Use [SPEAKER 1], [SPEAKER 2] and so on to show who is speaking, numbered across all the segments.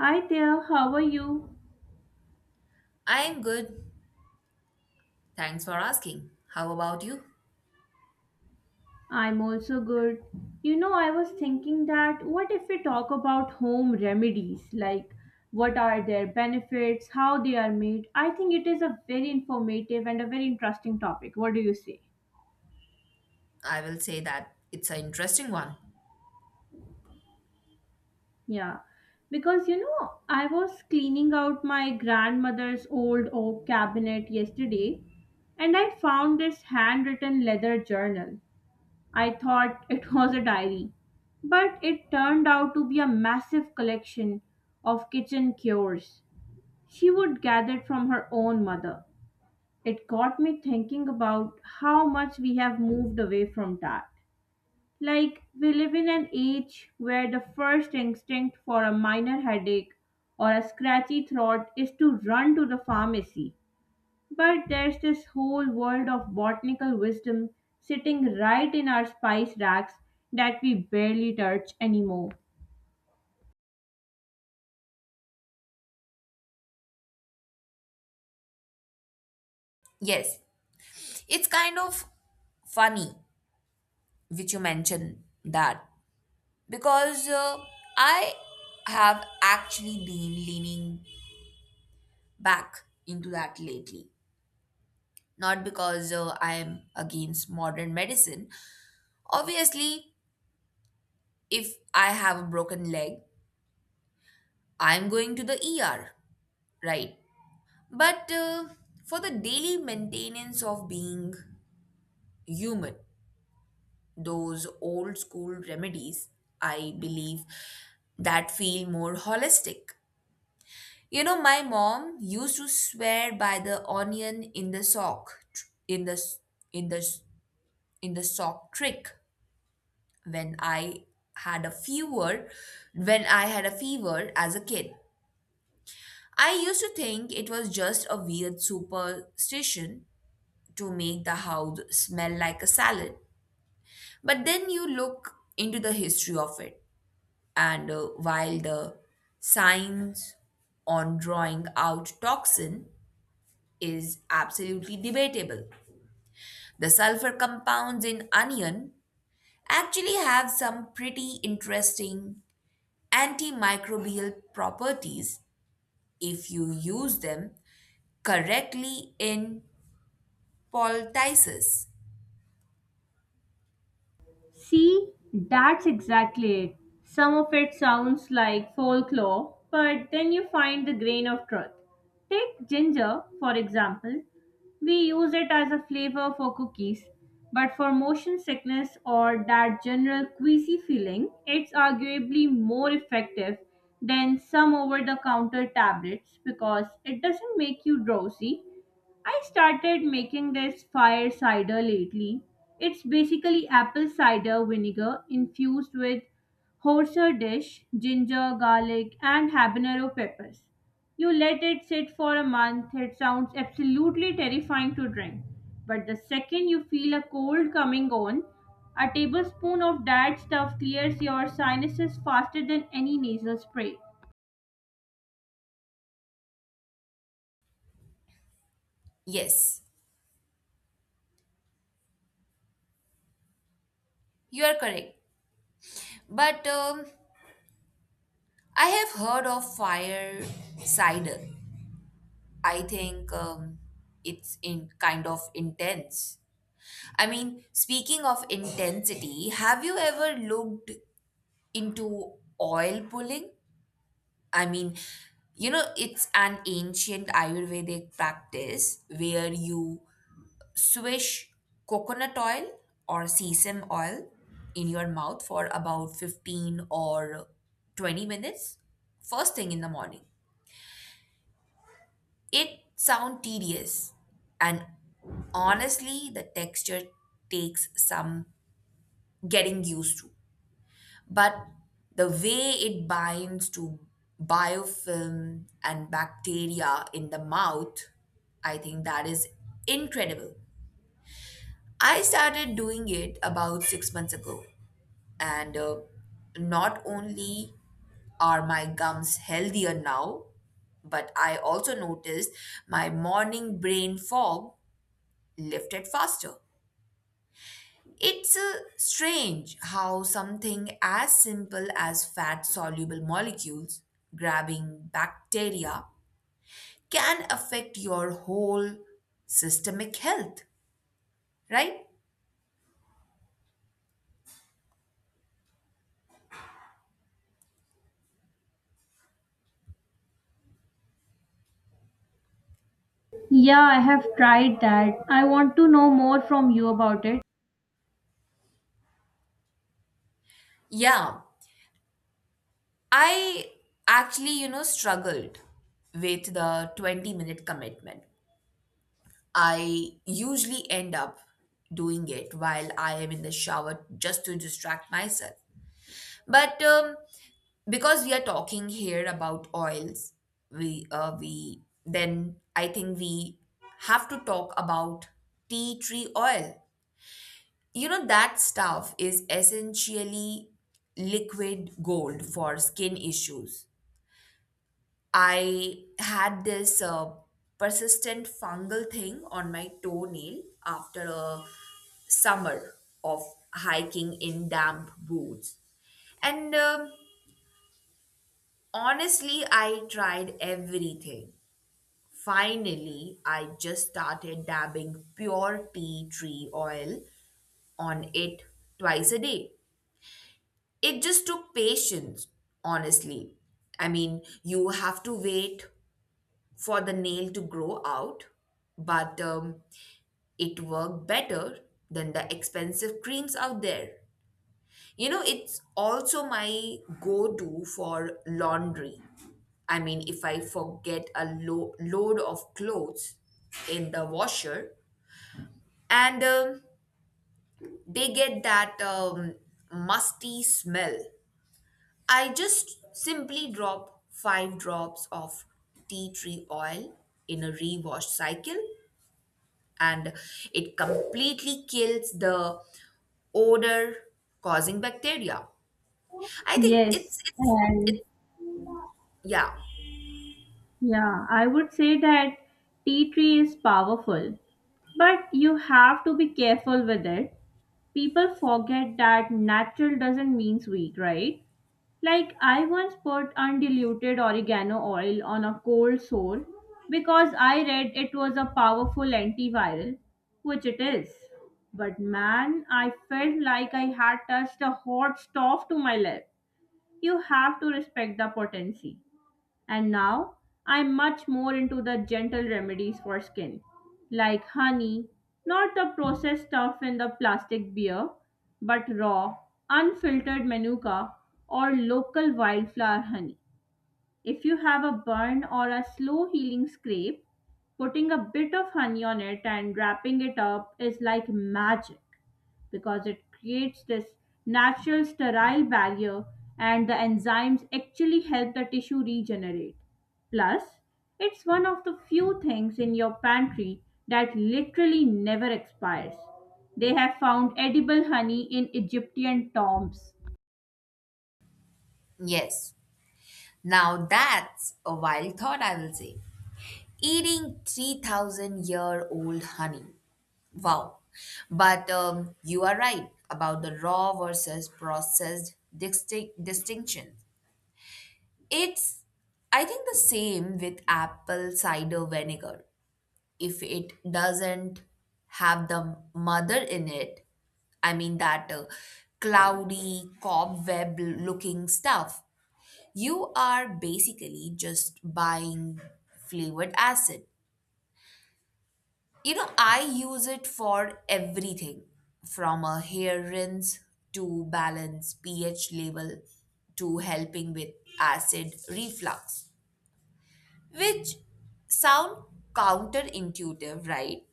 [SPEAKER 1] Hi there, how are you?
[SPEAKER 2] I'm good. Thanks for asking. How about you?
[SPEAKER 1] I'm also good. You know, I was thinking that what if we talk about home remedies, like what are their benefits, how they are made? I think it is a very informative and a very interesting topic. What do you say?
[SPEAKER 2] I will say that it's an interesting one.
[SPEAKER 1] Yeah, because you know, I was cleaning out my grandmother's old oak cabinet yesterday and I found this handwritten leather journal. I thought it was a diary, but it turned out to be a massive collection of kitchen cures she would gather from her own mother. It got me thinking about how much we have moved away from that. Like, we live in an age where the first instinct for a minor headache or a scratchy throat is to run to the pharmacy. But there's this whole world of botanical wisdom sitting right in our spice racks that we barely touch anymore.
[SPEAKER 2] Yes, it's kind of funny which you mentioned that because I have actually been leaning back into that lately. Not because I'm against modern medicine. Obviously, if I have a broken leg, I'm going to the ER, right? But for the daily maintenance of being human. Those old school remedies, I believe, that feel more holistic. You know, my mom used to swear by the onion in the sockin the s- in the sock trick when I had a fever, had a fever as a kid. I used to think it was just a weird superstition to make the house smell like a salad. But then you look into the history of it. And while the science on drawing out toxin is absolutely debatable, the sulfur compounds in onion actually have some pretty interesting antimicrobial properties if you use them correctly in poultices.
[SPEAKER 1] See, that's exactly it. Some of it sounds like folklore, but then you find the grain of truth. Take ginger, for example. We use it as a flavor for cookies, but for motion sickness or that general queasy feeling, it's arguably more effective than some over the counter tablets because it doesn't make you drowsy. I started making this fire cider lately. It's basically apple cider vinegar infused with horseradish, ginger, garlic, and habanero peppers. You let it sit for a month, it sounds absolutely terrifying to drink. But the second you feel a cold coming on, a tablespoon of that stuff clears your sinuses faster than any nasal spray.
[SPEAKER 2] Yes, you are correct. But I have heard of fire cider. I think it's in kind of intense. I mean, speaking of intensity, have you ever looked into oil pulling? I mean, you know, it's an ancient Ayurvedic practice where you swish coconut oil or sesame oil in your mouth for about 15 or 20 minutes, first thing in the morning. It sounds tedious, and honestly, the texture takes some getting used to. But the way it binds to biofilm and bacteria in the mouth, I think that is incredible. I started doing it about 6 months ago, and not only are my gums healthier now, but I also noticed my morning brain fog lifted faster. It's strange how something as simple as fat soluble molecules grabbing bacteria can affect your whole systemic health, right?
[SPEAKER 1] Yeah, I have tried that. I want to know more from you about it.
[SPEAKER 2] Yeah, I actually, struggled with the 20-minute commitment. I usually end up doing it while I am in the shower just to distract myself. But because we are talking here about oils, we then I think we have to talk about tea tree oil. You know, that stuff is essentially liquid gold for skin issues. I had this persistent fungal thing on my toenail after a summer of hiking in damp boots, and honestly, I tried everything. Finally, I just started dabbing pure tea tree oil on it twice a day. It just took patience, honestly. I mean, you have to wait for the nail to grow out, but it worked better than the expensive creams out there. You know, it's also my go to for laundry. I mean, if I forget a load of clothes in the washer and they get that musty smell, I just simply drop five drops of tea tree oil in a rewash cycle, and it completely kills the odor causing bacteria. I think it's,
[SPEAKER 1] Yes,
[SPEAKER 2] it's,
[SPEAKER 1] and
[SPEAKER 2] it's yeah.
[SPEAKER 1] yeah, I would say that tea tree is powerful, but you have to be careful with it. People forget that natural doesn't mean sweet, right? Like I once put undiluted oregano oil on a cold sore because I read it was a powerful antiviral, which it is. But man, I felt like I had touched a hot stove to my lip. You have to respect the potency. And now I'm much more into the gentle remedies for skin, like honey, not the processed stuff in the plastic beer, but raw, unfiltered manuka or local wildflower honey. If you have a burn or a slow healing scrape, putting a bit of honey on it and wrapping it up is like magic because it creates this natural sterile barrier and the enzymes actually help the tissue regenerate. Plus, it's one of the few things in your pantry that literally never expires. They have found edible honey in Egyptian tombs.
[SPEAKER 2] Yes. Now that's a wild thought, I will say. Eating 3,000 year old honey, wow. But you are right about the raw versus processed distinction. It's, I think, the same with apple cider vinegar. If it doesn't have the mother in it, I mean that cloudy cobweb looking stuff, you are basically just buying flavored acid. You know, I use it for everything from a hair rinse to balance pH level to helping with acid reflux, which sound counterintuitive, right?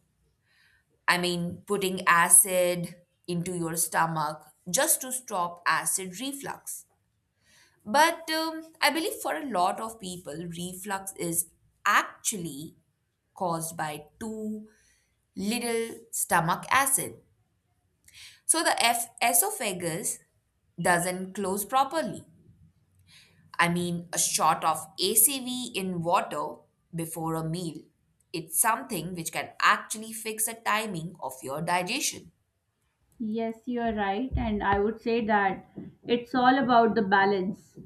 [SPEAKER 2] I mean, putting acid into your stomach just to stop acid reflux. But I believe for a lot of people, reflux is actually caused by too little stomach acid. So the esophagus doesn't close properly. I mean, a shot of ACV in water before a meal. It's something which can actually fix the timing of your digestion.
[SPEAKER 1] Yes, you are right, and I would say that it's all about the balance.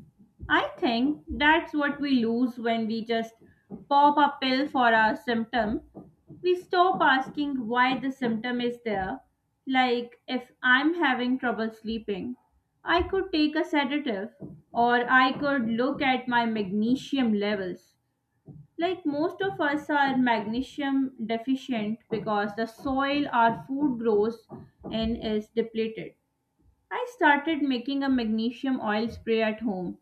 [SPEAKER 1] I think that's what we lose when we just pop a pill for our symptom. We stop asking why the symptom is there. Like, if I'm having trouble sleeping, I could take a sedative or I could look at my magnesium levels. Like most of us are magnesium deficient because the soil our food grows in is depleted. I started making a magnesium oil spray at home.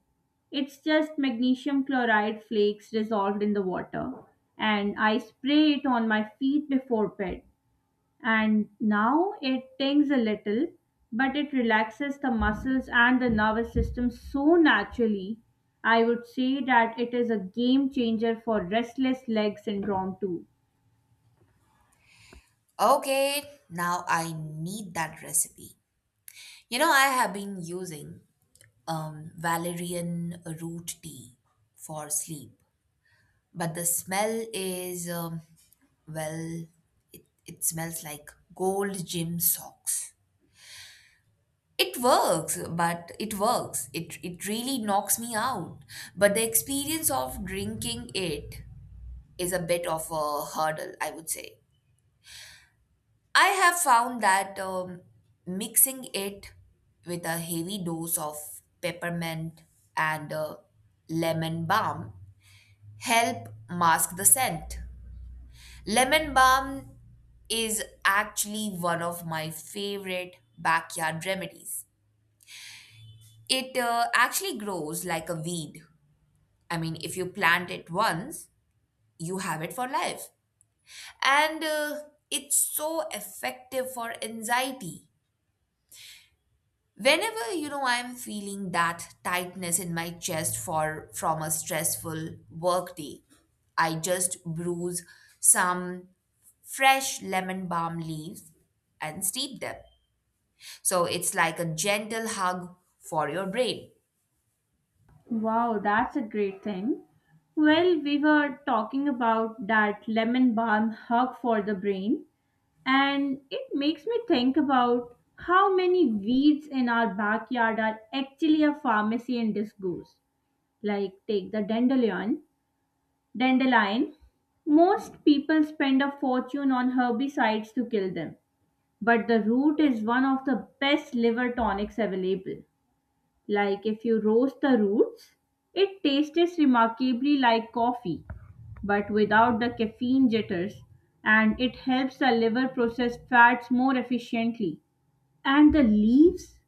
[SPEAKER 1] It's just magnesium chloride flakes dissolved in the water, and I spray it on my feet before bed and now it stings a little, but it relaxes the muscles and the nervous system so naturally. I would say that it is a game changer for restless leg syndrome too.
[SPEAKER 2] Okay, now I need that recipe. You know, I have been using valerian root tea for sleep, but the smell is, well, it smells like gold gym socks. It works, but it works. It really knocks me out. But the experience of drinking it is a bit of a hurdle, I would say. I have found that mixing it with a heavy dose of peppermint and lemon balm help mask the scent. Lemon balm is actually one of my favorite backyard remedies. It actually grows like a weed. I mean, if you plant it once, you have it for life. And it's so effective for anxiety. Whenever, I'm feeling that tightness in my chest for from a stressful work day, I just bruise some fresh lemon balm leaves and steep them. So it's like a gentle hug for your brain.
[SPEAKER 1] Wow, that's a great thing. Well, we were talking about that lemon balm hug for the brain, and it makes me think about how many weeds in our backyard are actually a pharmacy in disguise. Like, take the dandelion. Dandelion. Most people spend a fortune on herbicides to kill them, but the root is one of the best liver tonics available. Like if you roast the roots, it tastes remarkably like coffee, but without the caffeine jitters, and it helps the liver process fats more efficiently. And the leaves?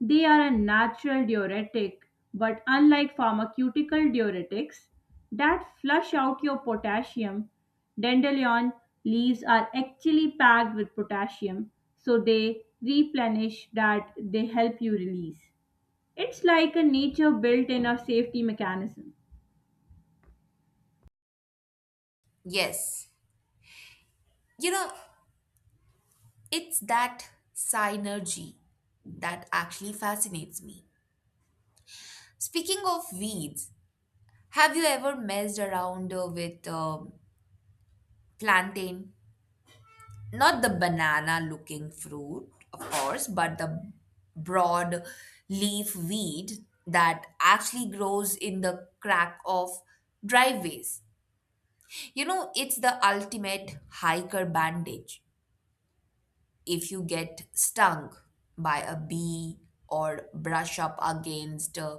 [SPEAKER 1] They are a natural diuretic, but unlike pharmaceutical diuretics that flush out your potassium, dandelion leaves are actually packed with potassium, so they replenish that they help you release. It's like a nature built in a safety mechanism.
[SPEAKER 2] Yes. You know, it's that synergy that actually fascinates me. Speaking of weeds, have you ever messed around with plantain? Not the banana looking fruit, of course, but the broad leaf weed that actually grows in the crack of driveways. You know, it's the ultimate hiker bandage. If you get stung by a bee or brush up against a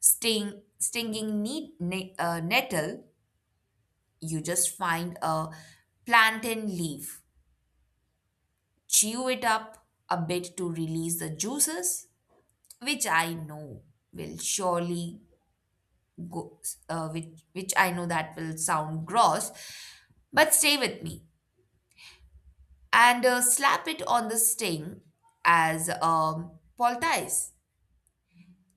[SPEAKER 2] stinging nettle, you just find a plantain leaf, chew it up a bit to release the juices, which I know will surely go, which I know that will sound gross, but stay with me, and slap it on the sting as a poultice.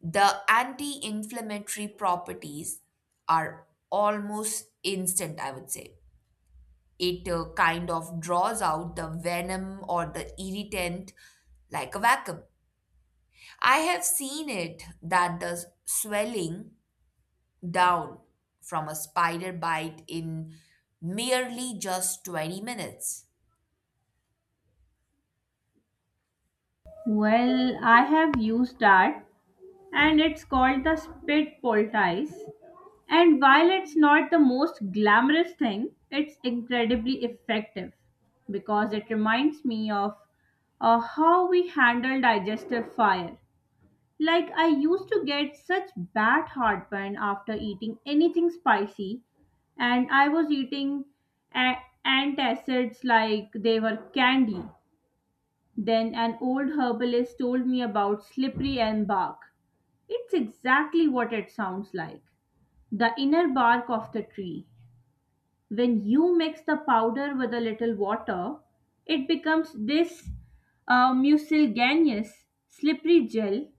[SPEAKER 2] The anti inflammatory properties are almost instant, I would say. It kind of draws out the venom or the irritant like a vacuum. I have seen it that the swelling down from a spider bite in merely just 20 minutes.
[SPEAKER 1] Well, I have used that and it's called the spit poultice. And while it's not the most glamorous thing, it's incredibly effective because it reminds me of how we handle digestive fire. Like, I used to get such bad heartburn after eating anything spicy, anti and I was eating a- antacids like they were candy. Then an old herbalist told me about slippery elm bark. It's exactly what it sounds like the inner bark of the tree. When you mix the powder with a little water, it becomes this mucilaganeous slippery gel.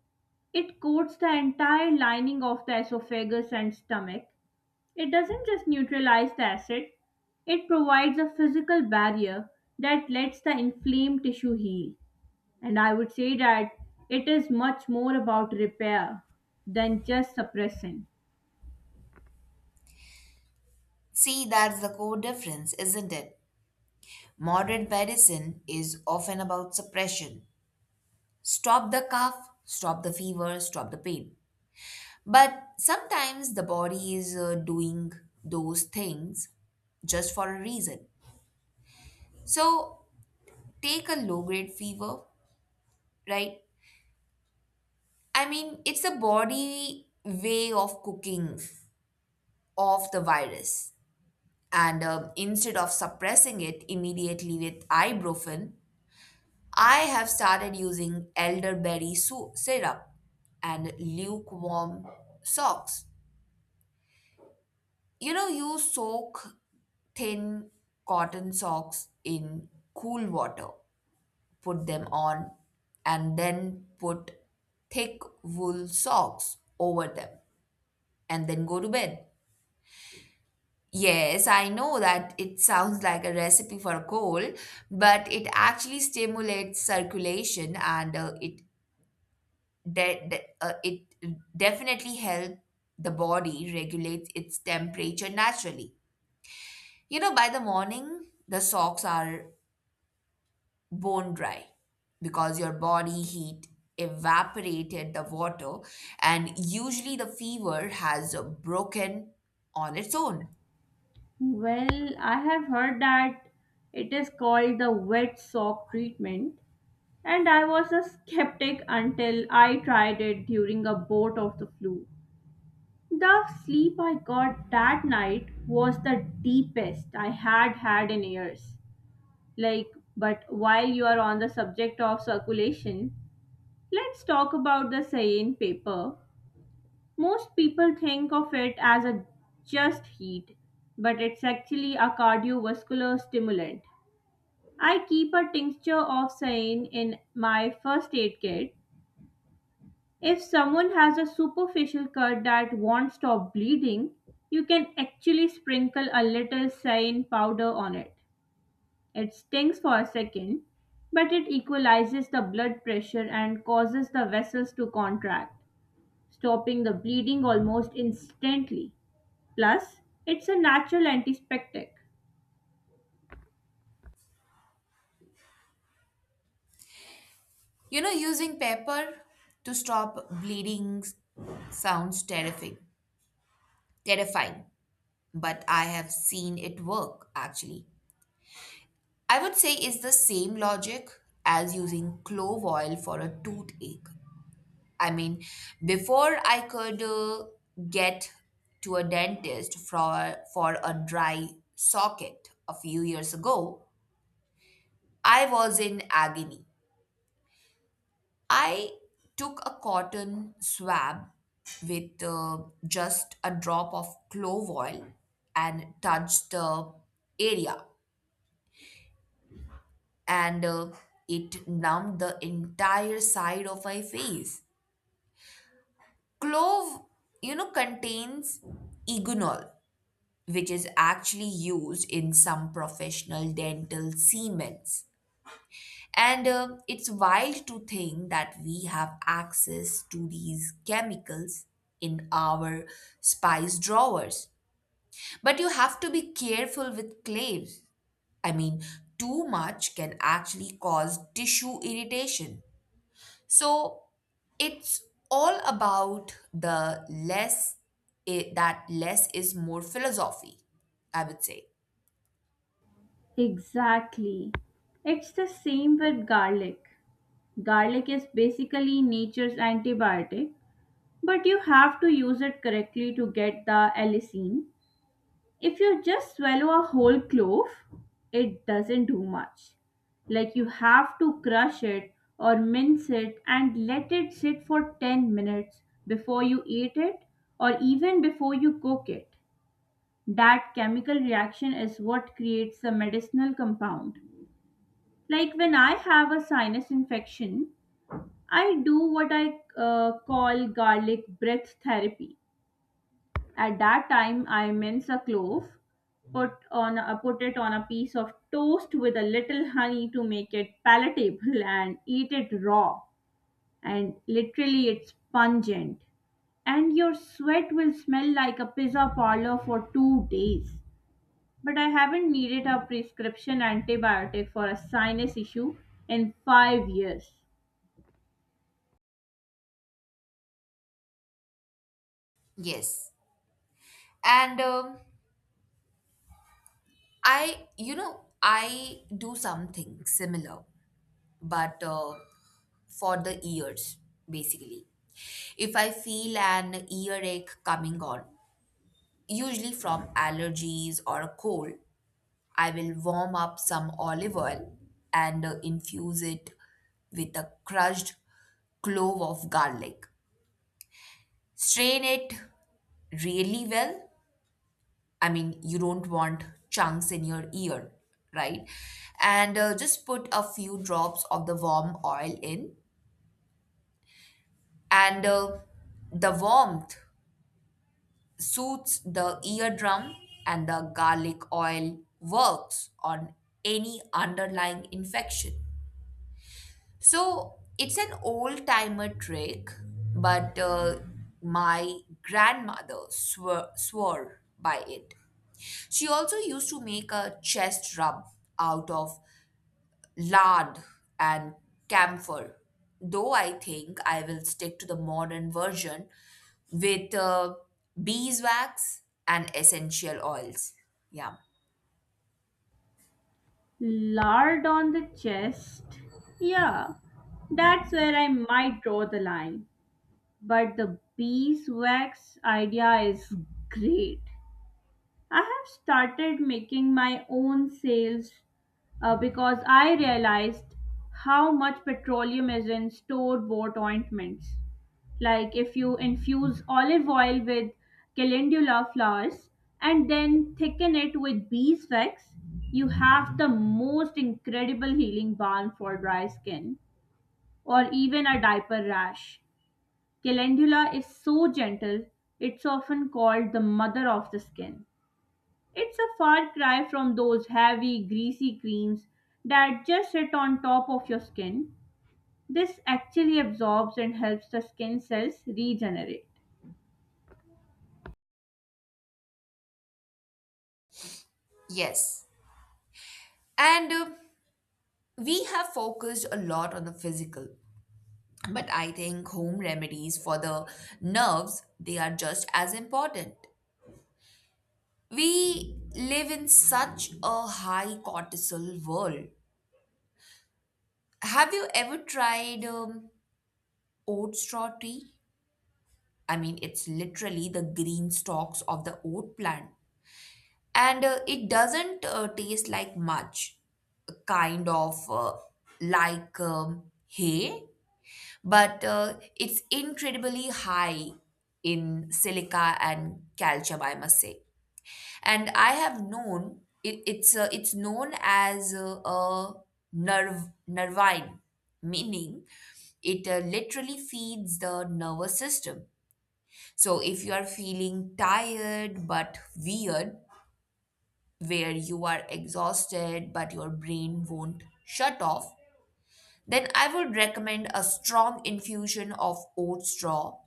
[SPEAKER 1] It coats the entire lining of the esophagus and stomach. It doesn't just neutralize the acid, it provides a physical barrier that lets the inflamed tissue heal. And I would say that it is much more about repair than just suppressing.
[SPEAKER 2] See, that's the core difference, isn't it? Modern medicine is often about suppression, stop the cough, stop the fever, stop the pain. But sometimes the body is doing those things just for a reason. So take a low grade fever, right? I mean, it's a body way of cooking off the virus. And instead of suppressing it immediately with ibuprofen, I have started using elderberry syrup and lukewarm socks. You know, you soak thin cotton socks in cool water, put them on, and then put thick wool socks over them, and then go to bed. Yes, I know that it sounds like a recipe for a cold, but it actually stimulates circulation, and it definitely helps the body regulate its temperature naturally. You know, by the morning, the socks are bone dry because your body heat evaporated the water, and usually the fever has broken on its own.
[SPEAKER 1] Well, I have heard that it is called the wet sock treatment, and I was a skeptic until I tried it during a bout of the flu. The sleep I got that night was the deepest I had had in years. Like, but while you are on the subject of circulation, let's talk about the cyan paper. Most people think of it as a just heat, but it's actually a cardiovascular stimulant. I keep a tincture of cyan in my first aid kit. If someone has a superficial cut that won't stop bleeding, you can actually sprinkle a little cyan powder on it. It stings for a second, but it equalizes the blood pressure and causes the vessels to contract, stopping the bleeding almost instantly. Plus, it's a natural antiseptic.
[SPEAKER 2] You know, using paper to stop bleeding sounds terrifying, terrifying, but I have seen it work actually. I would say it's the same logic as using clove oil for a toothache. I mean, before I could get to a dentist for a dry socket a few years ago, I was in agony. I took a cotton swab with just a drop of clove oil and touched the area, and it numbed the entire side of my face. Clove contains eugenol which is actually used in some professional dental seemings. And it's wild to think that we have access to these chemicals in our spice drawers. But you have to be careful with clays. I mean, too much can actually cause tissue irritation. So it's all about the less is more philosophy, I would say.
[SPEAKER 1] Exactly. It's the same with garlic. Garlic is basically nature's antibiotic, but you have to use it correctly to get the allicin. If you just swallow a whole clove, it doesn't do much. Like you have to crush it or mince it and let it sit for 10 minutes before you eat it or even before you cook it. That chemical reaction is what creates the medicinal compound. Like when I have a sinus infection, I do what I call garlic breath therapy. At that time, I mince a clove, put it on a piece of toast with a little honey to make it palatable, and eat it raw. And literally, it's pungent, and your sweat will smell like a pizza parlor for 2 days. But I haven't needed a prescription antibiotic for a sinus issue in 5 years.
[SPEAKER 2] Yes. And I do something similar, but for the ears, basically. If I feel an earache coming on, usually from allergies or a cold, I will warm up some olive oil and infuse it with a crushed clove of garlic. Strain it really well. I mean, you don't want chunks in your ear, right? And just put a few drops of the warm oil in, and the warmth soothes the eardrum, and the garlic oil works on any underlying infection. So it's an old timer trick, but my grandmother swore by it. She also used to make a chest rub out of lard and camphor, though I think I will stick to the modern version with beeswax and essential oils. Yeah.
[SPEAKER 1] Lard on the chest? Yeah, that's where I might draw the line. But the beeswax idea is great. I have started making my own sales because I realized how much petroleum is in store bought ointments. Like if you infuse olive oil with calendula flowers and then thicken it with beeswax, you have the most incredible healing balm for dry skin or even a diaper rash. Calendula is so gentle, it's often called the mother of the skin. It's a far cry from those heavy, greasy creams that just sit on top of your skin. This actually absorbs and helps the skin cells regenerate.
[SPEAKER 2] Yes. And we have focused a lot on the physical, but I think home remedies for the nerves, they are just as important. We live in such a high cortisol world. Have you ever tried oat straw tea? I mean, it's literally the green stalks of the oat plant. And it doesn't taste like much, kind of like hay, but it's incredibly high in silica and calcium, I must say. And I have known it, it's known as a nerve nervine, meaning it literally feeds the nervous system. So if you are feeling tired but weird, where you are exhausted but your brain won't shut off, then I would recommend a strong infusion of oat straw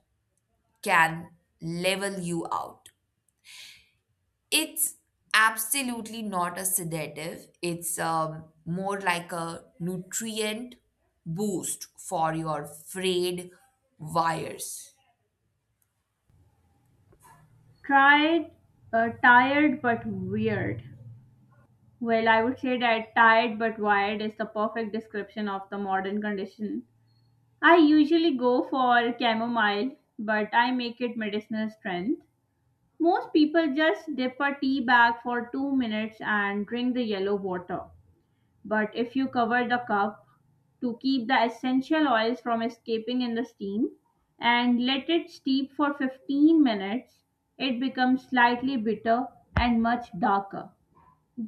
[SPEAKER 2] can level you out. It's absolutely not a sedative, it's more like a nutrient boost for your frayed wires.
[SPEAKER 1] Tried, tired but weird. Well, I would say that tired but wired is the perfect description of the modern condition. I usually go for chamomile, but I make it medicinal strength. Most people just dip a tea bag for 2 minutes and drink the yellow water. But if you cover the cup, to keep the essential oils from escaping in the steam and let it steep for 15 minutes. It becomes slightly bitter and much darker.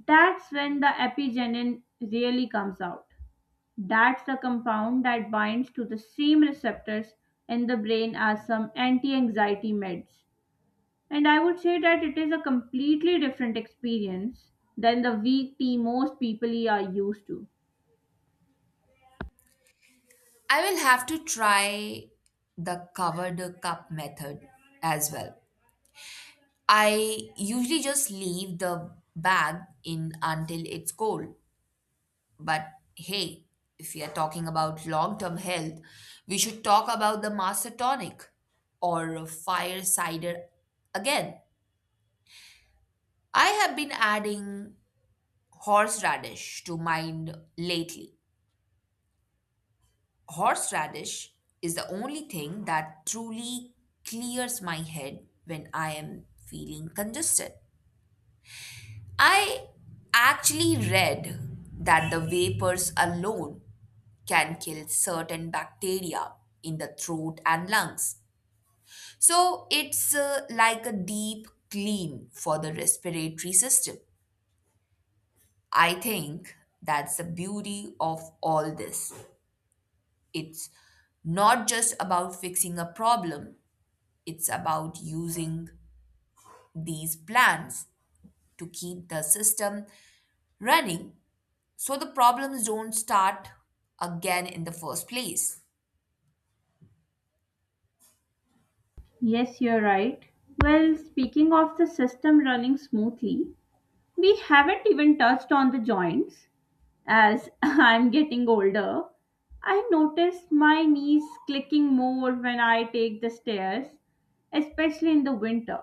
[SPEAKER 1] That's when the epigenin really comes out. That's the compound that binds to the same receptors in the brain as some anti anxiety meds. And I would say that it is a completely different experience than the weak tea most people are used to.
[SPEAKER 2] I will have to try the covered cup method as well. I usually just leave the bag in until it's cold. But hey, if we are talking about long term health, we should talk about the Master Tonic or Fire Cider again. I have been adding horseradish to mine lately. Horseradish is the only thing that truly clears my head when I am feeling congested. I actually read that the vapors alone can kill certain bacteria in the throat and lungs. So it's like a deep clean for the respiratory system. I think that's the beauty of all this. It's not just about fixing a problem, it's about using these plants to keep the system running so the problems don't start again in the first place.
[SPEAKER 1] Yes, you're right. Well, speaking of the system running smoothly, we haven't even touched on the joints. As I'm getting older, I notice my knees clicking more when I take the stairs, especially in the winter.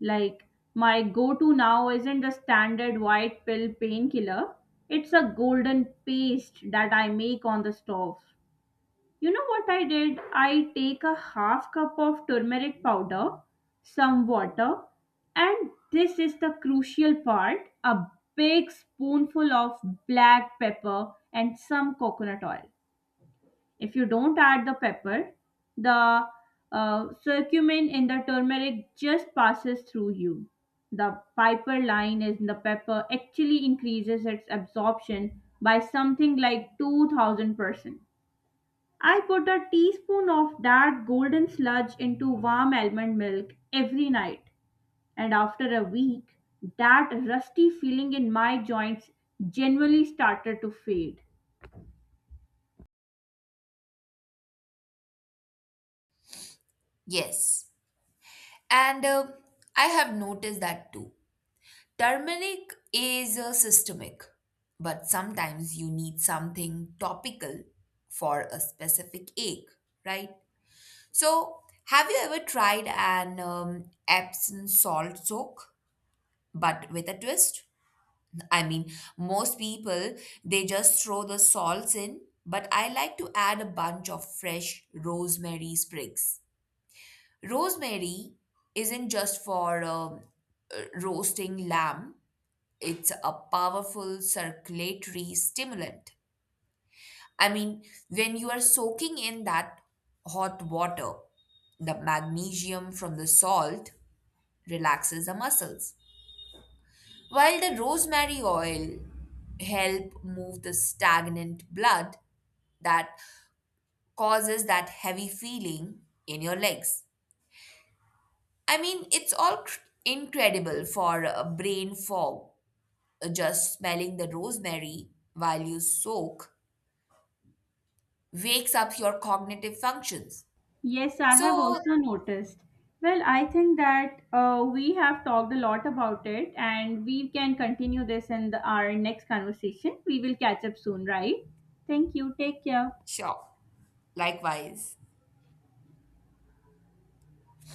[SPEAKER 1] Like, my go to now isn't the standard white pill painkiller, it's a golden paste that I make on the stove. You know what I did? I take a half cup of turmeric powder, some water, and this is the crucial part a big spoonful of black pepper and some coconut oil. If you don't add the pepper, the curcumin in the turmeric just passes through you. The piper line in the pepper actually increases its absorption by something like 2000%. I put a teaspoon of that golden sludge into warm almond milk every night, and after a week, that rusty feeling in my joints genuinely started to fade.
[SPEAKER 2] Yes. And I have noticed that too. Turmeric is systemic, but sometimes you need something topical for a specific ache, right? So, have you ever tried an Epsom salt soak, but with a twist? I mean, most people they just throw the salts in, but I like to add a bunch of fresh rosemary sprigs. Rosemary isn't just for roasting lamb, it's a powerful circulatory stimulant. I mean, when you are soaking in that hot water, the magnesium from the salt relaxes the muscles, while the rosemary oil help move the stagnant blood that causes that heavy feeling in your legs. I mean, it's all incredible for a brain fog. Just smelling the rosemary while you soak wakes up your cognitive functions.
[SPEAKER 1] Yes, I have
[SPEAKER 2] So,
[SPEAKER 1] also noticed. Well, I think that we have talked a lot about it, and we can continue our next conversation. We will catch up soon, right? Thank you. Take care.
[SPEAKER 2] sure, likewise.